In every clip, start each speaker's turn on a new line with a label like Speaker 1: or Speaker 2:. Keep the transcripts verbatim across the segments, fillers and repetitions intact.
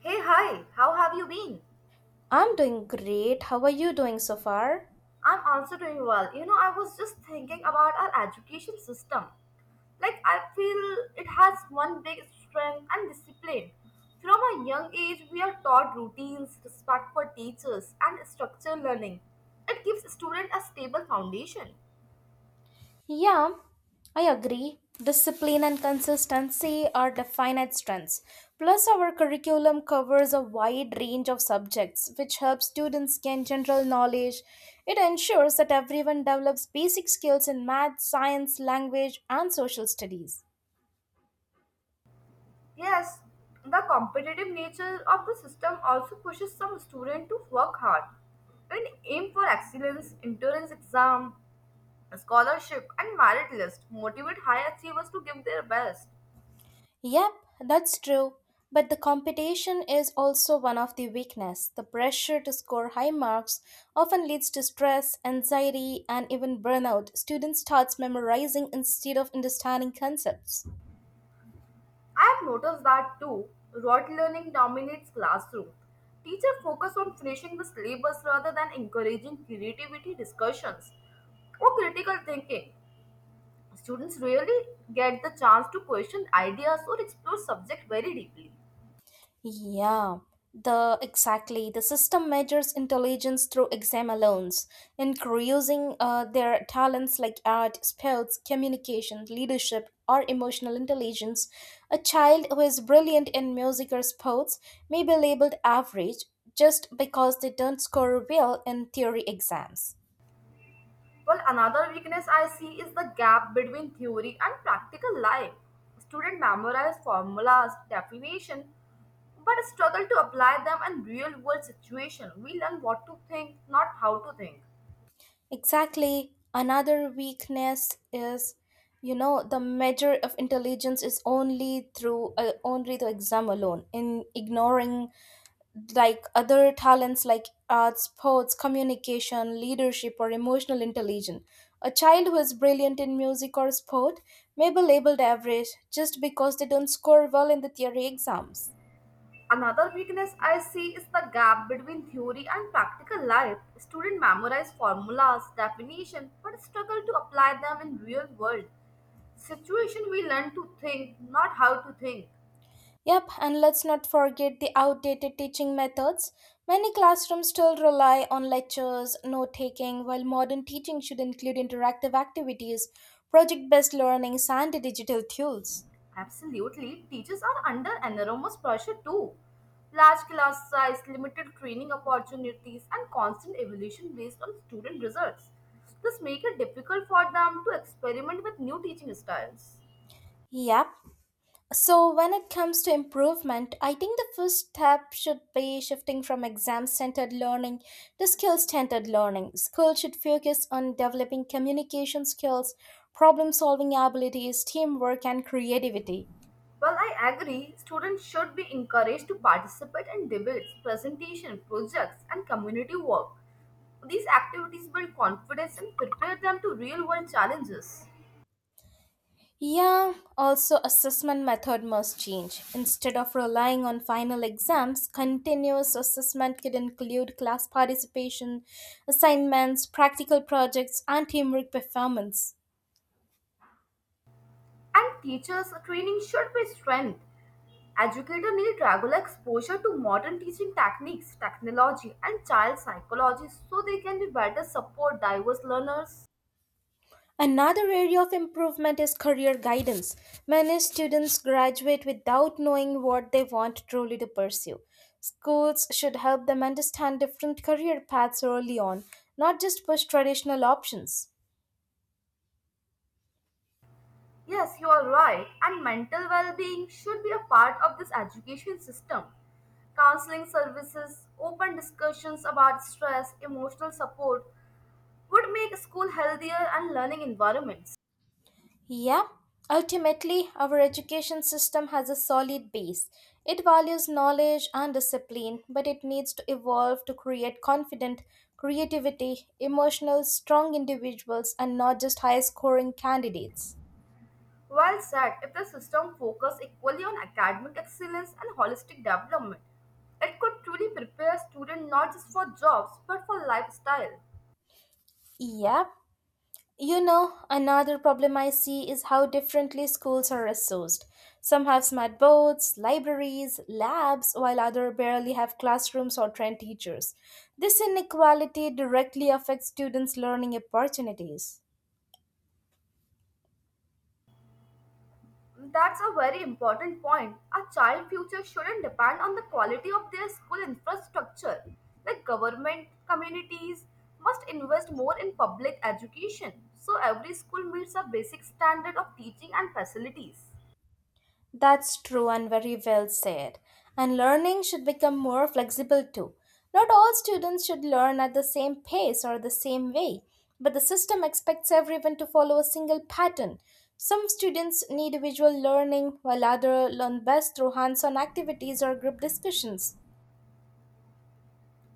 Speaker 1: Hey, hi, how have you been?
Speaker 2: I'm doing great. How are you doing so far?
Speaker 1: I'm also doing well. You know, I was just thinking about our education system. Like, I feel it has one big strength and discipline. From a young age, we are taught routines, respect for teachers, and structured learning. It gives students a stable foundation.
Speaker 2: Yeah, I agree. Discipline and consistency are definite strengths. Plus, our curriculum covers a wide range of subjects, which helps students gain general knowledge. It ensures that everyone develops basic skills in math, science, language, and social studies.
Speaker 1: Yes, the competitive nature of the system also pushes some students to work hard and aim for excellence, endurance exam, scholarship and merit list motivate high achievers to give their best.
Speaker 2: Yep, that's true. But the competition is also one of the weakness. The pressure to score high marks often leads to stress, anxiety, and even burnout. Students starts memorizing instead of understanding concepts.
Speaker 1: I have noticed that too. Rote learning dominates classroom. Teacher focus on finishing the syllabus rather than encouraging creativity discussions or critical thinking. Students rarely get the chance to question ideas or explore subject very deeply.
Speaker 2: Yeah, the exactly. The system measures intelligence through exam alone, increasing uh, their talents like art, sports, communication, leadership, or emotional intelligence. A child who is brilliant in music or sports may be labeled average just because they don't score well in theory exams.
Speaker 1: Well, another weakness I see is the gap between theory and practical life. Students memorize formulas, definition, but struggle to apply them in real world situation. We learn what to think, not how to think.
Speaker 2: Exactly. Another weakness is, you know, the measure of intelligence is only through uh, only the exam alone. In ignoring like other talents like arts, sports, communication, leadership, or emotional intelligence, a child who is brilliant in music or sport may be labeled average just because they don't score well in the theory exams.
Speaker 1: Another weakness I see is the gap between theory and practical life. Students memorize formulas, definition, but struggle to apply them in real world situation. We learn to think, not how to think.
Speaker 2: Yep, and let's not forget the outdated teaching methods. Many classrooms still rely on lectures, note taking, while modern teaching should include interactive activities, project based learnings, and digital tools.
Speaker 1: Absolutely. Teachers are under enormous pressure too. Large class size, limited training opportunities, and constant evolution based on student results. This makes it difficult for them to experiment with new teaching styles.
Speaker 2: Yep. So, when it comes to improvement, I think the first step should be shifting from exam centered learning to skill centered learning. Schools should focus on developing communication skills, problem solving abilities, teamwork, and creativity.
Speaker 1: Well, I agree, students should be encouraged to participate in debates, presentation, projects, and community work. These activities build confidence and prepare them to real world challenges.
Speaker 2: Yeah, also assessment method must change. Instead of relying on final exams, continuous assessment could include class participation, assignments, practical projects, and teamwork performance.
Speaker 1: And teachers' training should be strengthened. Educators need regular exposure to modern teaching techniques, technology, and child psychology so they can be better support diverse learners.
Speaker 2: Another area of improvement is career guidance. Many students graduate without knowing what they want truly to pursue. Schools should help them understand different career paths early on, not just push traditional options.
Speaker 1: Yes, you are right, and mental well being should be a part of this education system. Counseling services, open discussions about stress, emotional support would make school healthier and learning environments.
Speaker 2: Yeah, ultimately, our education system has a solid base. It values knowledge and discipline, but it needs to evolve to create confident, creativity, emotional, strong individuals and not just high scoring candidates.
Speaker 1: Well said, if the system focused equally on academic excellence and holistic development, it could truly prepare students not just for jobs but for lifestyle.
Speaker 2: Yeah. You know, another problem I see is how differently schools are resourced. Some have smart boards, libraries, labs, while others barely have classrooms or trained teachers. This inequality directly affects students' learning opportunities.
Speaker 1: That's a very important point. A child's future shouldn't depend on the quality of their school infrastructure. Like government, communities must invest more in public education so every school meets a basic standard of teaching and facilities.
Speaker 2: That's true and very well said. And learning should become more flexible too. Not all students should learn at the same pace or the same way, but the system expects everyone to follow a single pattern. Some students need visual learning, while others learn best through hands on activities or group discussions.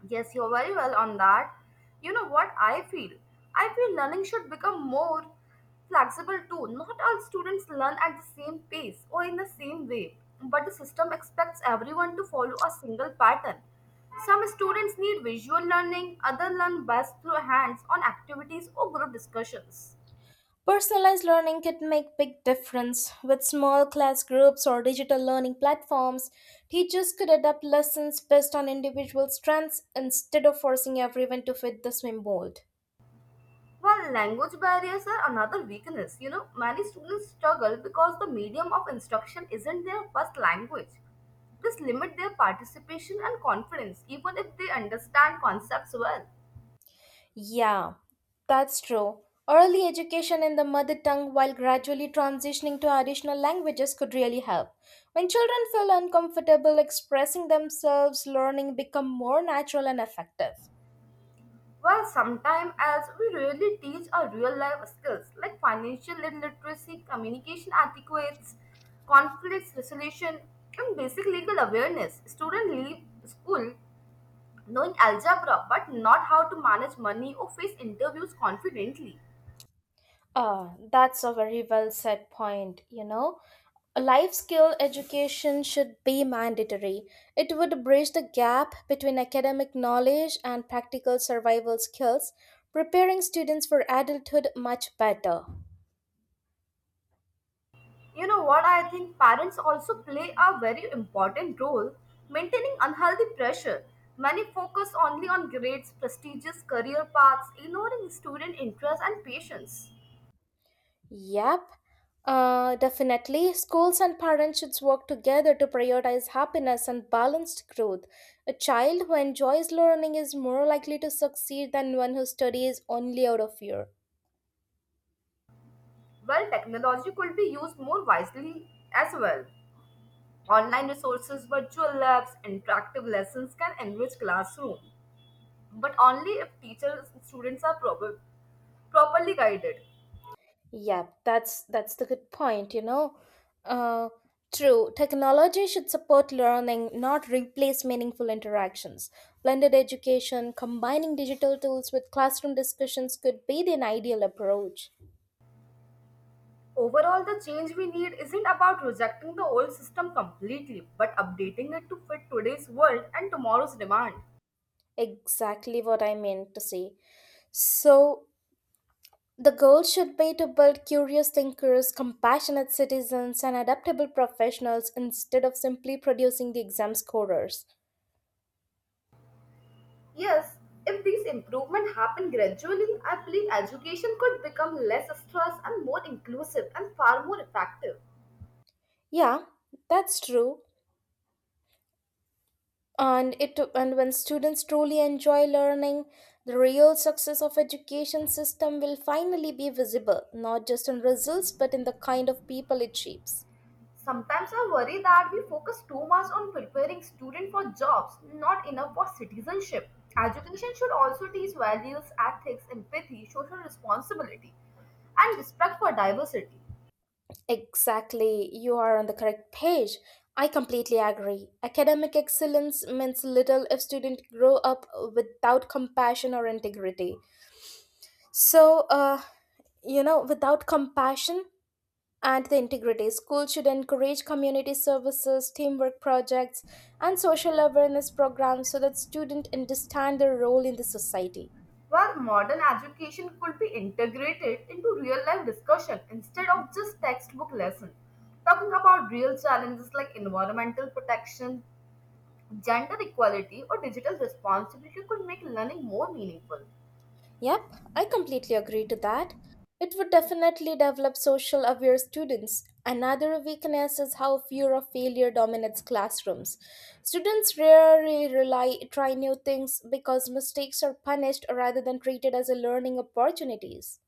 Speaker 1: Yes, you're very well on that. You know what I feel? I feel learning should become more flexible too. Not all students learn at the same pace or in the same way, but the system expects everyone to follow a single pattern. Some students need visual learning, others learn best through hands on activities or group discussions.
Speaker 2: Personalized learning can make big difference. With small class groups or digital learning platforms, teachers could adapt lessons based on individual strengths instead of forcing everyone to fit the swim mold.
Speaker 1: Well, language barriers are another weakness. You know, many students struggle because the medium of instruction isn't their first language. This limits their participation and confidence, even if they understand concepts well.
Speaker 2: Yeah, that's true. Early education in the mother tongue while gradually transitioning to additional languages could really help. When children feel uncomfortable expressing themselves, learning become more natural and effective.
Speaker 1: Well, sometimes, as we rarely teach our real life skills like financial literacy, communication etiquettes, conflicts resolution, and basic legal awareness, students leave school knowing algebra but not how to manage money or face interviews confidently.
Speaker 2: Ah, that's a very well said point, you know. A life skill education should be mandatory. It would bridge the gap between academic knowledge and practical survival skills, preparing students for adulthood much better.
Speaker 1: You know what? I think parents also play a very important role maintaining unhealthy pressure. Many focus only on grades, prestigious career paths, ignoring student interests and patience.
Speaker 2: Yep. Uh, definitely, schools and parents should work together to prioritize happiness and balanced growth. A child who enjoys learning is more likely to succeed than one who studies only out of fear.
Speaker 1: Well, technology could be used more wisely as well. Online resources, virtual labs, interactive lessons can enrich classroom, but only if teachers and students are proper, properly guided.
Speaker 2: Yeah, that's that's the good point, you know. Uh, True, technology should support learning, not replace meaningful interactions. Blended education, combining digital tools with classroom discussions could be an ideal approach.
Speaker 1: Overall, the change we need isn't about rejecting the old system completely, but updating it to fit today's world and tomorrow's demand.
Speaker 2: Exactly what I meant to say. So, the goal should be to build curious thinkers, compassionate citizens, and adaptable professionals instead of simply producing the exam scorers.
Speaker 1: Yes, if these improvements happen gradually, I believe education could become less stress and more inclusive and far more effective.
Speaker 2: Yeah, that's true. And it and when students truly enjoy learning, the real success of education system will finally be visible, not just in results but in the kind of people it shapes.
Speaker 1: Sometimes I worry that we focus too much on preparing students for jobs, not enough for citizenship. Education should also teach values, ethics, empathy, social responsibility, and respect for diversity.
Speaker 2: Exactly, you are on the correct page. I completely agree, academic excellence means little if students grow up without compassion or integrity. So uh, you know without compassion and the integrity. Schools should encourage community services, teamwork projects, and social awareness programs so that students understand their role in the society.
Speaker 1: Where modern education could be integrated into real life discussion instead of just textbook lesson, talking about real challenges like environmental protection, gender equality or digital responsibility could make learning more meaningful.
Speaker 2: Yep, I completely agree to that. It would definitely develop social aware students. Another weakness is how fear of failure dominates classrooms. Students rarely rely try new things because mistakes are punished rather than treated as a learning opportunities.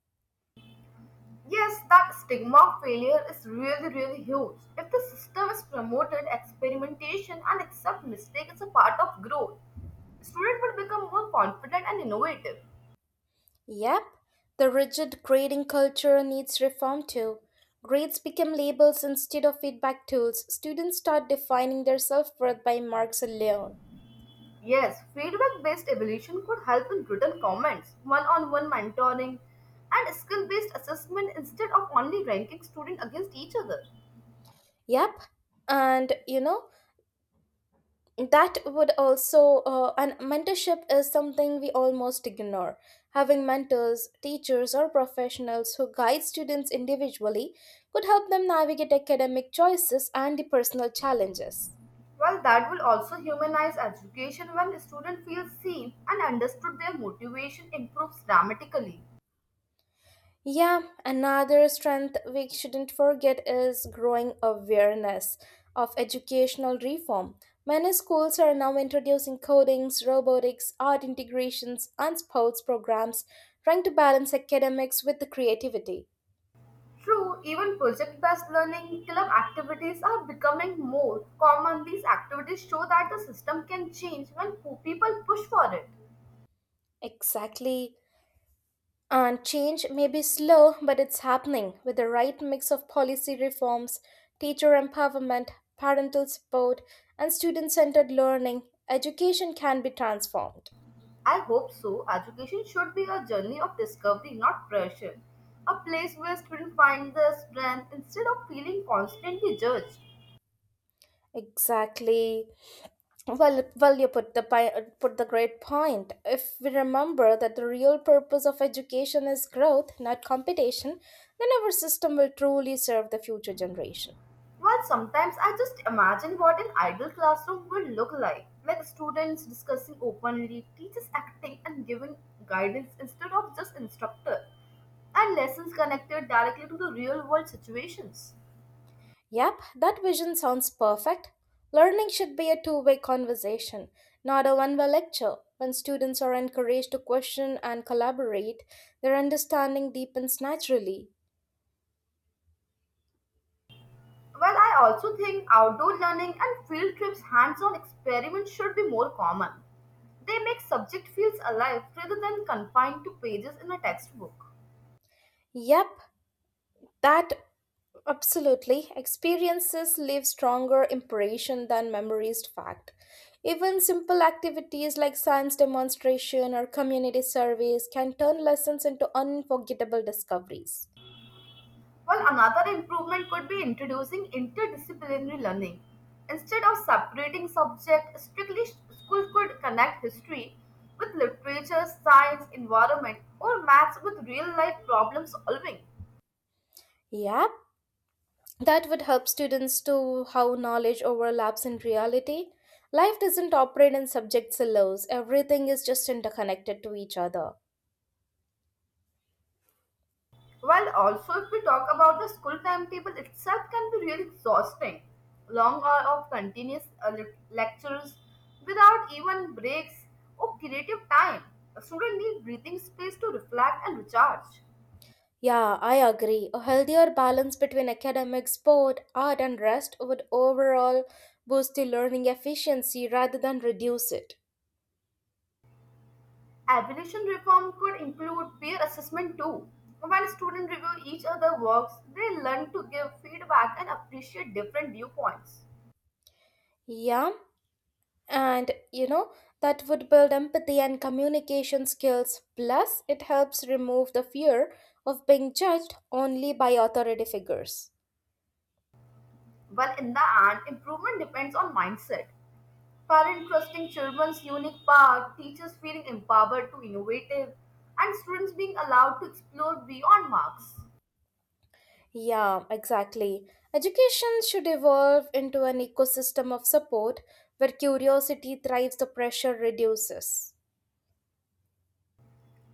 Speaker 1: Yes, that stigma of failure is really really huge. If the system is promoted experimentation and accept mistake as a part of growth, student will become more confident and innovative.
Speaker 2: Yep, the rigid grading culture needs reform too. Grades become labels instead of feedback tools. Students start defining their self worth by marks alone.
Speaker 1: Yes, feedback based evolution could help in written comments, one on one mentoring, and skill based assessment instead of only ranking students against each other.
Speaker 2: Yep, and you know, that would also, uh, and mentorship is something we almost ignore. Having mentors, teachers, or professionals who guide students individually could help them navigate academic choices and the personal challenges.
Speaker 1: Well, that will also humanize education when students feel seen and understood their motivation improves dramatically.
Speaker 2: Yeah, another strength we shouldn't forget is growing awareness of educational reform. Many schools are now introducing codings, robotics, art integrations, and sports programs, trying to balance academics with the creativity.
Speaker 1: True, even project based learning club activities are becoming more common. These activities show that the system can change when po- people push for it.
Speaker 2: Exactly. And change may be slow, but it's happening. With the right mix of policy reforms, teacher empowerment, parental support, and student centered learning, education can be transformed.
Speaker 1: I hope so. Education should be a journey of discovery, not pressure. A place where students find their strength instead of feeling constantly judged.
Speaker 2: Exactly. Well, well, you put the pi- uh, put the great point. If we remember that the real purpose of education is growth, not competition, then our system will truly serve the future generation.
Speaker 1: Well, sometimes I just imagine what an ideal classroom would look like. Like students discussing openly, teachers acting and giving guidance instead of just instructor, and lessons connected directly to the real world situations.
Speaker 2: Yep, that vision sounds perfect. Learning should be a two-way conversation, not a one-way lecture. When students are encouraged to question and collaborate, their understanding deepens naturally.
Speaker 1: Well, I also think outdoor learning and field trips, hands on experiments should be more common. They make subject fields alive rather than confined to pages in a textbook.
Speaker 2: Yep, that Absolutely. Experiences leave stronger impression than memories fact. Even simple activities like science demonstration or community service can turn lessons into unforgettable discoveries.
Speaker 1: Well, another improvement could be introducing interdisciplinary learning. Instead of separating subjects strictly, schools could connect history with literature, science, environment, or maths with real life problem solving.
Speaker 2: Yeah, that would help students to how knowledge overlaps in reality. Life doesn't operate in subject silos. Everything is just interconnected to each other.
Speaker 1: Well, also, if we talk about the school timetable itself, can be really exhausting. Long hour of continuous uh, lec- lectures without even breaks or creative time. A student need breathing space to reflect and recharge.
Speaker 2: Yeah, I agree. A healthier balance between academics, sport, art, and rest would overall boost the learning efficiency rather than reduce it.
Speaker 1: Evaluation reform could include peer assessment too. When students review each other's works, they learn to give feedback and appreciate different viewpoints.
Speaker 2: Yeah, and you know, that would build empathy and communication skills. Plus, it helps remove the fear of being judged only by authority figures.
Speaker 1: Well, in the end, improvement depends on mindset. Parent trusting children's unique path, teachers feeling empowered to innovative, and students being allowed to explore beyond marks.
Speaker 2: Yeah, exactly. Education should evolve into an ecosystem of support where curiosity thrives, the pressure reduces.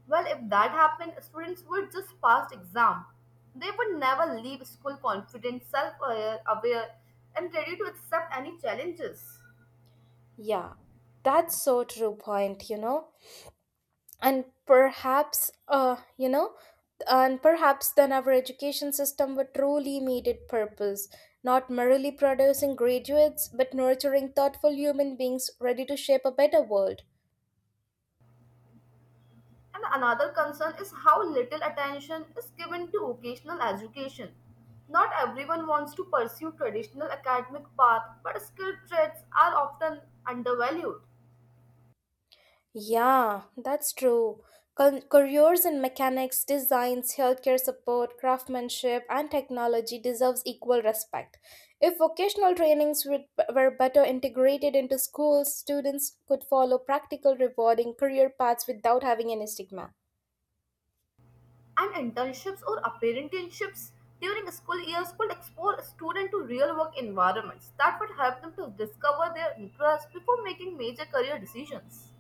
Speaker 1: Well, if that happened, students would just pass exam. They would never leave school confident, self-aware, aware, and ready to accept any challenges.
Speaker 2: Yeah, that's so true point, you know. And perhaps, uh, you know, and perhaps then our education system would truly meet its purpose, not merely producing graduates, but nurturing thoughtful human beings ready to shape a better world.
Speaker 1: And another concern is how little attention is given to vocational education. Not everyone wants to pursue traditional academic path, but skill trades are often undervalued.
Speaker 2: Yeah, that's true. Cul- Careers in mechanics, designs, healthcare support, craftsmanship, and technology deserves equal respect. If vocational trainings would- were better integrated into schools, students could follow practical, rewarding career paths without having any stigma.
Speaker 1: And internships or apprenticeships during school years could expose a student to real work environments that would help them to discover their interests before making major career decisions.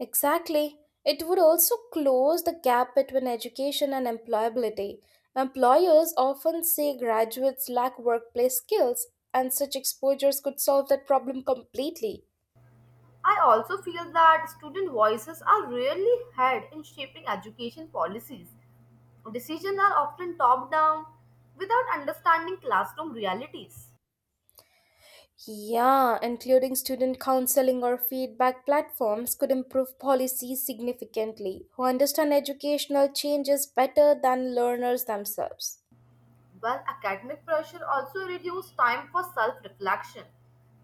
Speaker 2: Exactly. It would also close the gap between education and employability. Employers often say graduates lack workplace skills, and such exposures could solve that problem completely.
Speaker 1: I also feel that student voices are rarely heard in shaping education policies. Decisions are often top down without understanding classroom realities.
Speaker 2: Yeah, including student counseling or feedback platforms could improve policies significantly, who understand educational changes better than learners themselves.
Speaker 1: Well, academic pressure also reduces time for self reflection.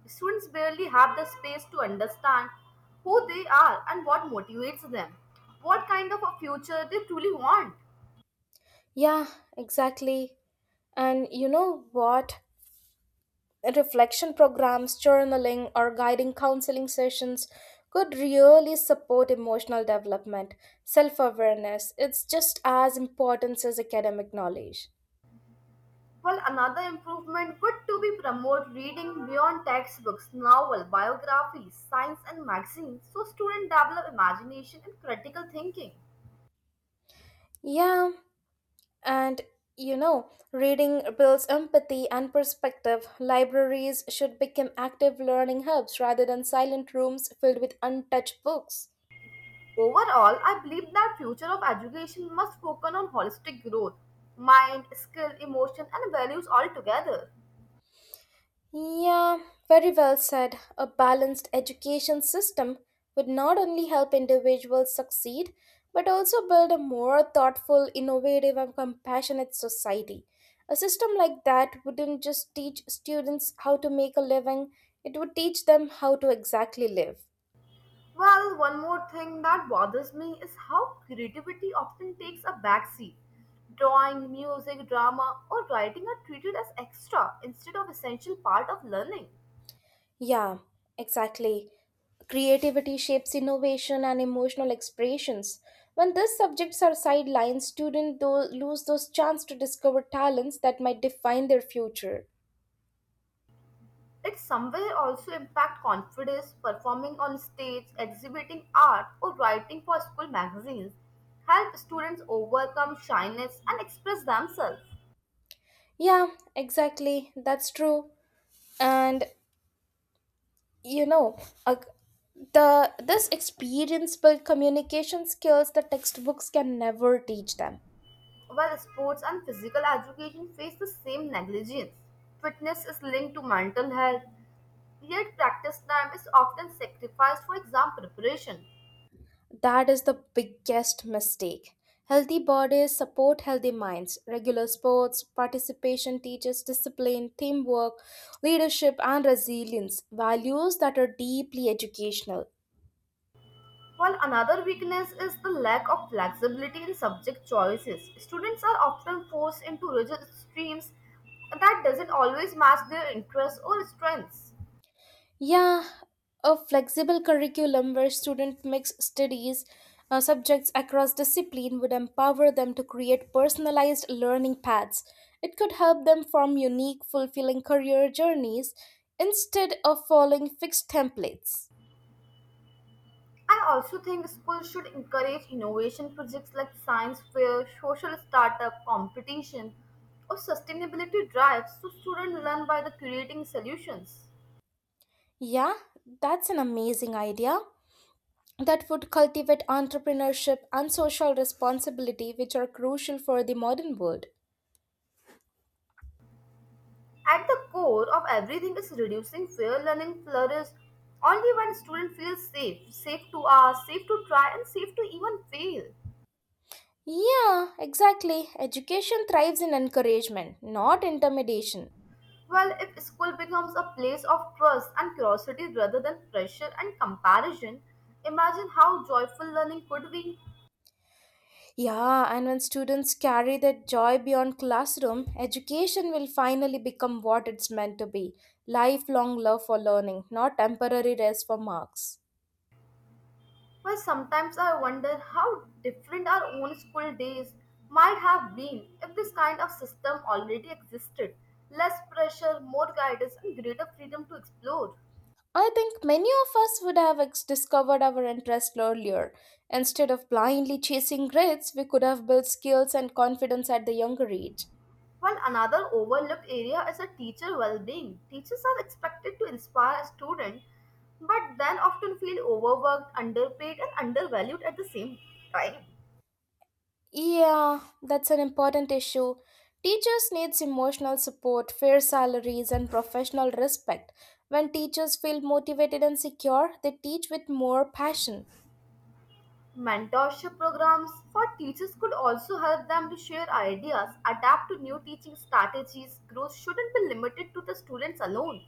Speaker 1: Students barely have the space to understand who they are and what motivates them, what kind of a future they truly want.
Speaker 2: Yeah, exactly. And you know what? Reflection programs, journaling, or guiding counseling sessions could really support emotional development, self awareness. It's just as important as academic knowledge.
Speaker 1: Well, another improvement would to be promote reading beyond textbooks, novel, biographies, science and magazines so students develop imagination and critical thinking.
Speaker 2: Yeah. And you know, Reading builds empathy and perspective. Libraries should become active learning hubs rather than silent rooms filled with untouched books.
Speaker 1: Overall, I believe that future of education must focus on holistic growth, mind, skill, emotion, and values altogether.
Speaker 2: Yeah, very well said. A balanced education system would not only help individuals succeed, but also build a more thoughtful, innovative, and compassionate society. A system like that wouldn't just teach students how to make a living, it would teach them how to exactly live.
Speaker 1: Well, one more thing that bothers me is how creativity often takes a backseat. Drawing, music, drama, or writing are treated as extra instead of essential part of learning.
Speaker 2: Yeah, exactly. Creativity shapes innovation and emotional expressions. When these subjects are sidelined, students tho- lose those chance to discover talents that might define their future.
Speaker 1: It somewhere also impact confidence, performing on stage, exhibiting art, or writing for school magazines help students overcome shyness and express themselves.
Speaker 2: Yeah, exactly. That's true. And you know, a, the this experience build communication skills that textbooks can never teach them.
Speaker 1: While sports and physical education face the same negligence, fitness is linked to mental health, yet practice time is often sacrificed for exam preparation.
Speaker 2: That is the biggest mistake. Healthy bodies support healthy minds. Regular sports participation teaches discipline, teamwork, leadership, and resilience, values that are deeply educational.
Speaker 1: While another weakness is the lack of flexibility in subject choices. Students are often forced into rigid streams that doesn't always match their interests or strengths.
Speaker 2: Yeah, a flexible curriculum where students mix studies, uh, subjects across discipline would empower them to create personalized learning paths. It could help them form unique, fulfilling career journeys instead of following fixed templates.
Speaker 1: I also think schools should encourage innovation projects like science fair, social startup, competition, or sustainability drives so students learn by the creating solutions.
Speaker 2: Yeah, that's an amazing idea. That would cultivate entrepreneurship and social responsibility, which are crucial for the modern world.
Speaker 1: At the core of everything is reducing fear. Learning flourishes only when student feels safe, safe to ask, safe to try, and safe to even fail.
Speaker 2: Yeah, exactly. Education thrives in encouragement, not intimidation.
Speaker 1: Well, if school becomes a place of trust and curiosity rather than pressure and comparison, imagine how joyful learning could be.
Speaker 2: Yeah, and when students carry that joy beyond classroom, education will finally become what it's meant to be, lifelong love for learning, not temporary rest for marks.
Speaker 1: Well, sometimes I wonder how different our own school days might have been if this kind of system already existed. Less pressure, more guidance, and greater freedom to explore.
Speaker 2: I think many of us would have ex- discovered our interest earlier. Instead of blindly chasing grades, we could have built skills and confidence at the younger age.
Speaker 1: While another overlooked area is a teacher well-being. Teachers are expected to inspire students, but then often feel overworked, underpaid, and undervalued at the same time.
Speaker 2: Yeah, that's an important issue. Teachers needs emotional support, fair salaries and professional respect. When teachers feel motivated and secure, they teach with more passion.
Speaker 1: Mentorship programs for teachers could also help them to share ideas, adapt to new teaching strategies. Growth shouldn't be limited to the students alone.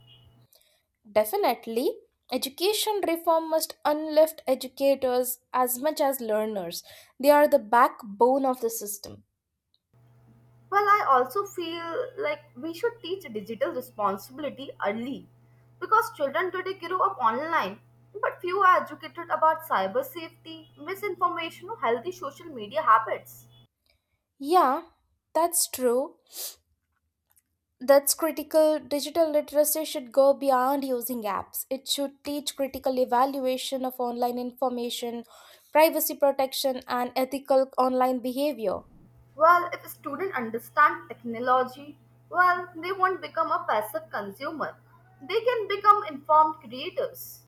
Speaker 2: Definitely, education reform must unlift educators as much as learners. They are the backbone of the system.
Speaker 1: Well, I also feel like we should teach digital responsibility early because children today grow up online, but few are educated about cyber safety, misinformation, or healthy social media habits.
Speaker 2: Yeah, that's true. That's critical. Digital literacy should go beyond using apps. It should teach critical evaluation of online information, privacy protection, and ethical online behavior.
Speaker 1: Well, if students understand technology, well, they won't become a passive consumer. They can become informed creators.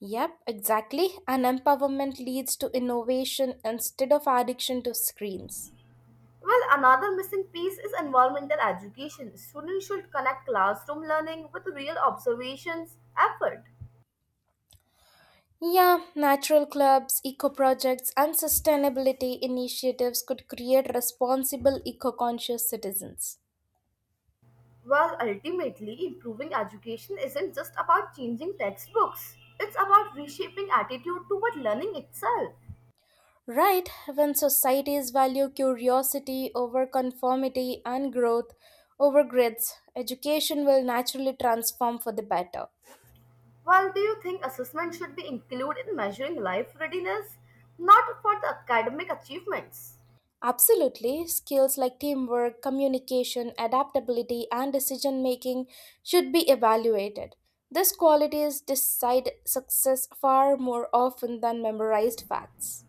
Speaker 2: Yep, exactly. And empowerment leads to innovation instead of addiction to screens.
Speaker 1: Well, another missing piece is environmental education. Students should connect classroom learning with real observations effort.
Speaker 2: Yeah, natural clubs, eco projects, and sustainability initiatives could create responsible eco conscious citizens.
Speaker 1: Well, ultimately, improving education isn't just about changing textbooks. It's about reshaping attitude toward learning itself.
Speaker 2: Right, when societies value curiosity over conformity and growth over grids, education will naturally transform for the better.
Speaker 1: Well, do you think assessment should be included in measuring life readiness, not for the academic achievements?
Speaker 2: Absolutely, skills like teamwork, communication, adaptability, and decision making should be evaluated. These qualities decide success far more often than memorized facts.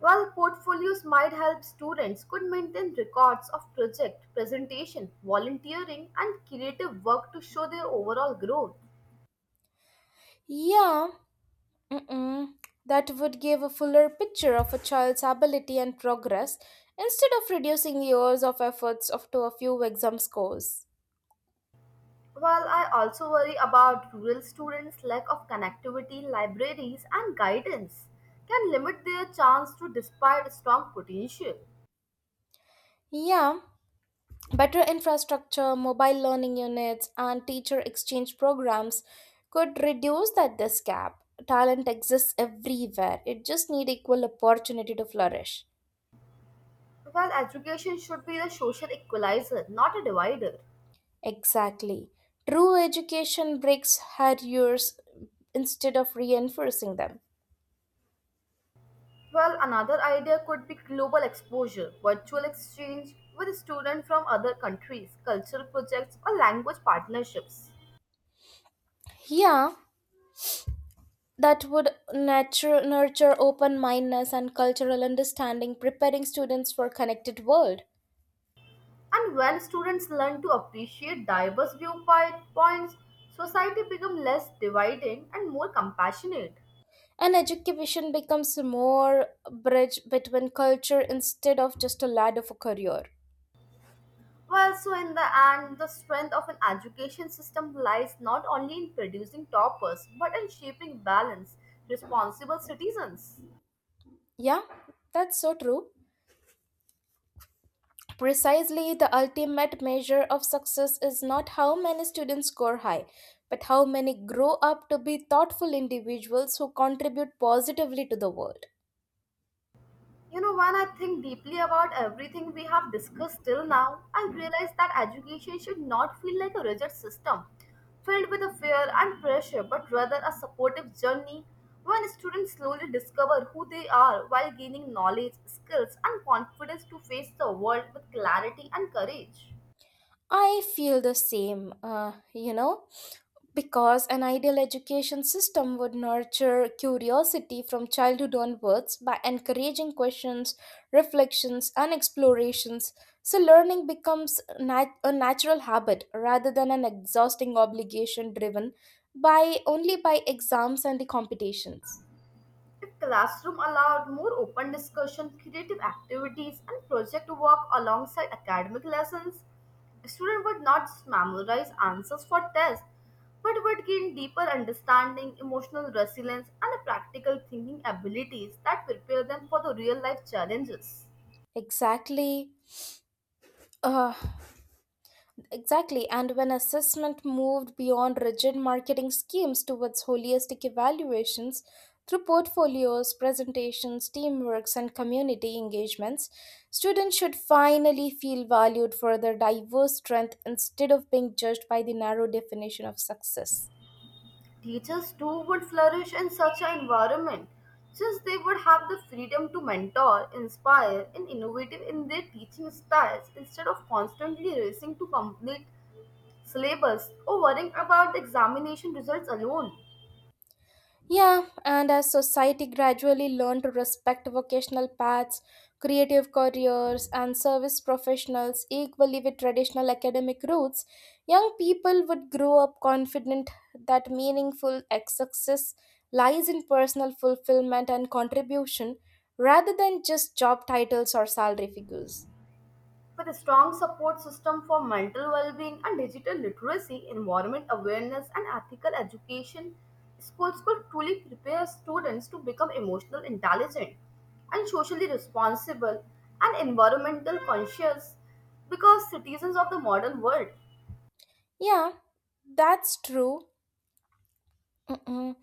Speaker 1: Well, portfolios might help students could maintain records of project, presentation, volunteering, and creative work to show their overall growth.
Speaker 2: Yeah, mm-mm, that would give a fuller picture of a child's ability and progress instead of reducing years of efforts of to a few exam scores.
Speaker 1: While I also worry about rural students' lack of connectivity, libraries, and guidance can limit their chance to despite strong potential.
Speaker 2: Yeah, better infrastructure, mobile learning units, and teacher exchange programs could reduce that this gap. Talent exists everywhere. It just need equal opportunity to flourish.
Speaker 1: Well, education should be the social equalizer, not a divider.
Speaker 2: Exactly. True education breaks barriers instead of reinforcing them.
Speaker 1: Well, another idea could be global exposure, virtual exchange with students from other countries, cultural projects, or language partnerships.
Speaker 2: Yeah, that would nature, nurture open mindedness and cultural understanding preparing students for connected world,
Speaker 1: And when students learn to appreciate diverse viewpoints, society becomes less dividing and more compassionate.
Speaker 2: and education becomes more bridge between culture instead of just a ladder for career.
Speaker 1: Well, so in the end, the strength of an education system lies not only in producing toppers, but in shaping balanced, responsible citizens.
Speaker 2: Yeah, that's so true. Precisely the ultimate measure of success is not how many students score high but how many grow up to be thoughtful individuals who contribute positively to the world.
Speaker 1: You know, when I think deeply about everything we have discussed till now, I realize that education should not feel like a rigid system filled with a fear and pressure, but rather a supportive journey when students slowly discover who they are while gaining knowledge, skills, and confidence to face the world with clarity and courage.
Speaker 2: I feel the same, uh, you know because an ideal education system would nurture curiosity from childhood onwards by encouraging questions, reflections, and explorations, so learning becomes nat- a natural habit rather than an exhausting obligation driven by only by exams and the competitions.
Speaker 1: If classroom allowed more open discussion, creative activities, and project work alongside academic lessons, students would not just memorize answers for tests, but would gain deeper understanding, emotional resilience, and practical thinking abilities that prepare them for the real life challenges.
Speaker 2: Exactly. Uh, Exactly, and when assessment moved beyond rigid marketing schemes towards holistic evaluations through portfolios, presentations, teamworks, and community engagements, students should finally feel valued for their diverse strength instead of being judged by the narrow definition of success.
Speaker 1: Teachers too would flourish in such an environment since they would have the freedom to mentor, inspire, and innovative in their teaching styles instead of constantly racing to complete syllabus or worrying about the examination results alone.
Speaker 2: Yeah, and as society gradually learned to respect vocational paths, creative careers, and service professionals equally with traditional academic routes, young people would grow up confident that meaningful ex- success lies in personal fulfillment and contribution rather than just job titles or salary figures.
Speaker 1: With a strong support system for mental well-being and digital literacy, environment awareness and ethical education, schools could truly prepare students to become emotional intelligent and socially responsible and environmental conscious because citizens of the modern world.
Speaker 2: Yeah, that's true. Mm-mm.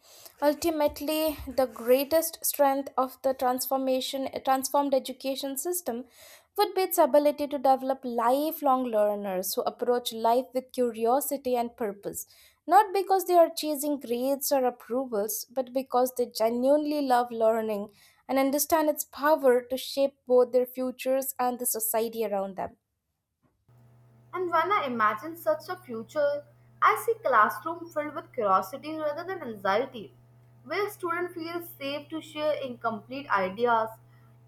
Speaker 2: Ultimately, the greatest strength of the transformation transformed education system would be its ability to develop lifelong learners who approach life with curiosity and purpose, not because they are chasing grades or approvals, but because they genuinely love learning and understand its power to shape both their futures and the society around them.
Speaker 1: And when I imagine such a future, I see classroom filled with curiosity rather than anxiety, where students feel safe to share incomplete ideas,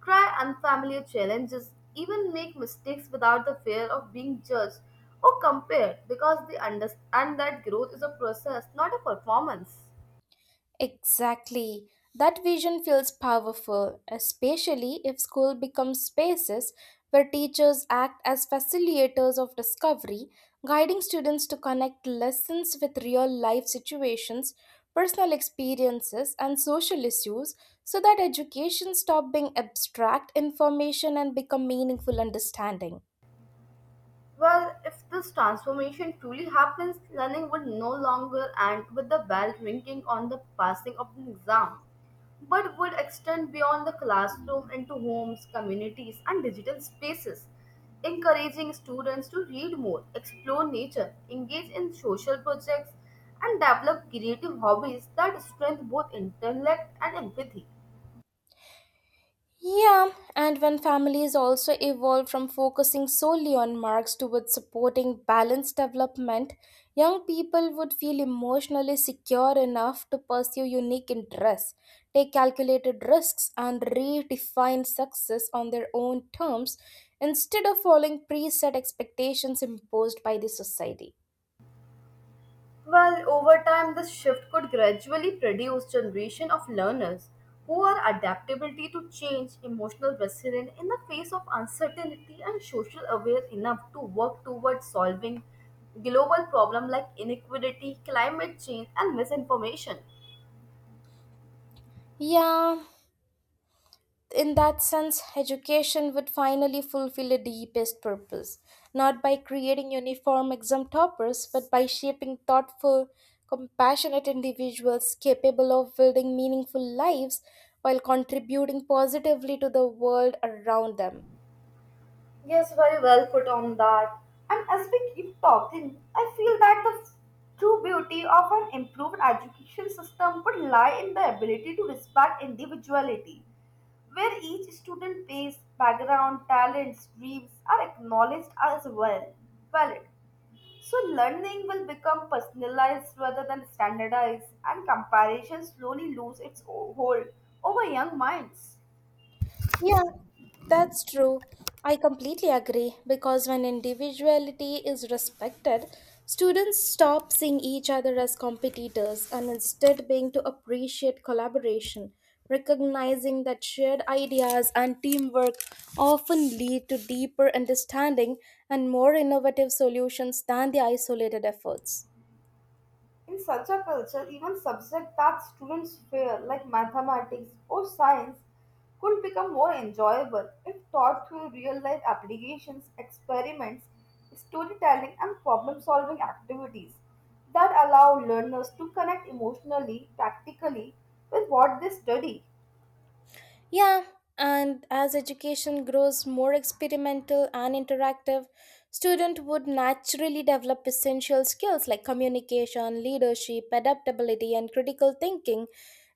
Speaker 1: try unfamiliar challenges, even make mistakes without the fear of being judged or compared because they understand that growth is a process, not a performance.
Speaker 2: Exactly. That vision feels powerful, especially if school becomes spaces where teachers act as facilitators of discovery, guiding students to connect lessons with real life situations, personal experiences, and social issues so that education stop being abstract information and become meaningful understanding.
Speaker 1: Well, if this transformation truly happens, learning would no longer end with the bell ringing on the passing of an exam, but would extend beyond the classroom into homes, communities, and digital spaces, encouraging students to read more, explore nature, engage in social projects, and develop creative hobbies that strengthen both intellect and empathy.
Speaker 2: Yeah, and when families also evolve from focusing solely on marks towards supporting balanced development, young people would feel emotionally secure enough to pursue unique interests, take calculated risks, and redefine success on their own terms instead of following preset expectations imposed by the society.
Speaker 1: Well, over time, this shift could gradually produce generation of learners who are adaptability to change, emotional resilience in the face of uncertainty, and social aware enough to work towards solving global problems like inequality, climate change, and misinformation.
Speaker 2: Yeah, in that sense, education would finally fulfill a deepest purpose, not by creating uniform exam toppers, but by shaping thoughtful, compassionate individuals capable of building meaningful lives while contributing positively to the world around them.
Speaker 1: Yes, very well put on that. And as we keep talking, I feel that the true beauty of an improved education system would lie in the ability to respect individuality, where each student pace, background, talents, dreams are acknowledged as well valid. So learning will become personalized rather than standardized, and comparison slowly lose its o- hold over young minds.
Speaker 2: Yeah, that's true. I completely agree because when individuality is respected, students stop seeing each other as competitors and instead being to appreciate collaboration, recognizing that shared ideas and teamwork often lead to deeper understanding and more innovative solutions than the isolated efforts.
Speaker 1: In such a culture, even subjects that students fear, like mathematics or science, could become more enjoyable if taught through real life applications, experiments, storytelling, and problem solving activities that allow learners to connect emotionally, practically with what they study.
Speaker 2: Yeah, and as education grows more experimental and interactive, student would naturally develop essential skills like communication, leadership, adaptability, and critical thinking,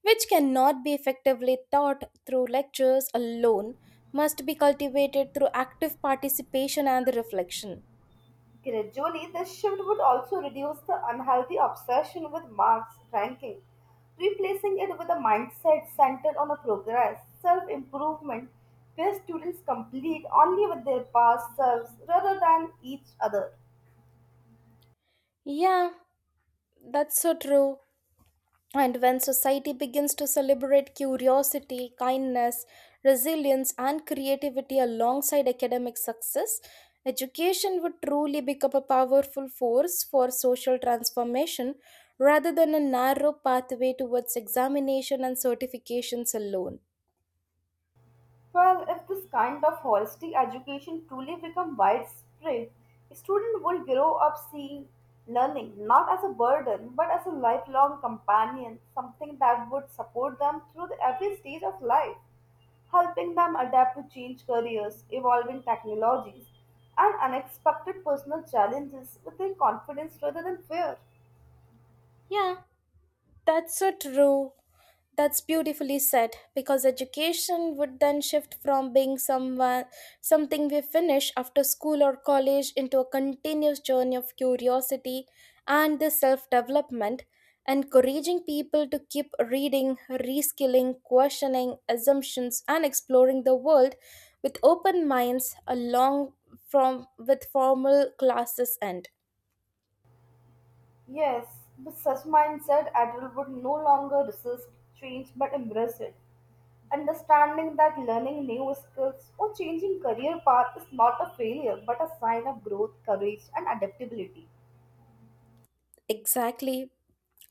Speaker 2: which cannot be effectively taught through lectures alone, must be cultivated through active participation and reflection.
Speaker 1: Gradually, this shift would also reduce the unhealthy obsession with marks ranking, replacing it with a mindset centered on a progress, self improvement, where students complete only with their past selves rather than each other.
Speaker 2: Yeah, that's so true. And when society begins to celebrate curiosity, kindness, resilience, and creativity alongside academic success, education would truly become a powerful force for social transformation rather than a narrow pathway towards examination and certifications alone.
Speaker 1: Well, if this kind of holistic education truly become widespread, students will grow up seeing learning not as a burden but as a lifelong companion, something that would support them through the every stage of life, helping them adapt to change careers, evolving technologies, and unexpected personal challenges with their confidence rather than fear.
Speaker 2: Yeah, that's so true. That's beautifully said because education would then shift from being someone something we finish after school or college into a continuous journey of curiosity and the self-development, encouraging people to keep reading, reskilling, questioning assumptions and exploring the world with open minds along from with formal classes end.
Speaker 1: Yes, with such mindset, adults would no longer resist change but embrace it. Understanding that learning new skills or changing career path is not a failure but a sign of growth, courage, and adaptability.
Speaker 2: Exactly.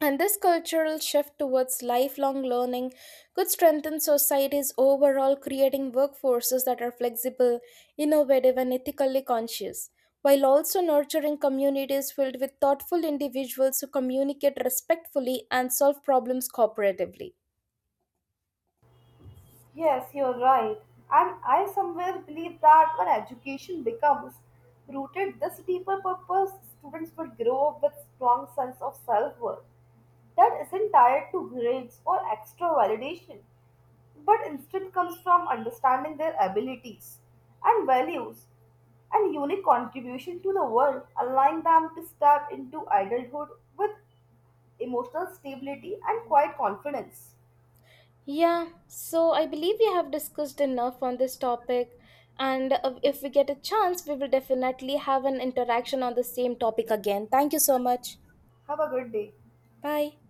Speaker 2: And this cultural shift towards lifelong learning could strengthen societies overall, creating workforces that are flexible, innovative, and ethically conscious, while also nurturing communities filled with thoughtful individuals who communicate respectfully and solve problems cooperatively.
Speaker 1: Yes, you're right. And I somewhere believe that when education becomes rooted this deeper purpose, students will grow up with strong sense of self-worth that isn't tied to grades or extra validation, but instead comes from understanding their abilities and values and unique contribution to the world, allowing them to step into adulthood with emotional stability and quiet confidence.
Speaker 2: Yeah, so I believe we have discussed enough on this topic, and uh, if we get a chance, we will definitely have an interaction on the same topic again. Thank you so much.
Speaker 1: Have a good day.
Speaker 2: Bye.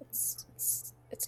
Speaker 2: It's, it's, it's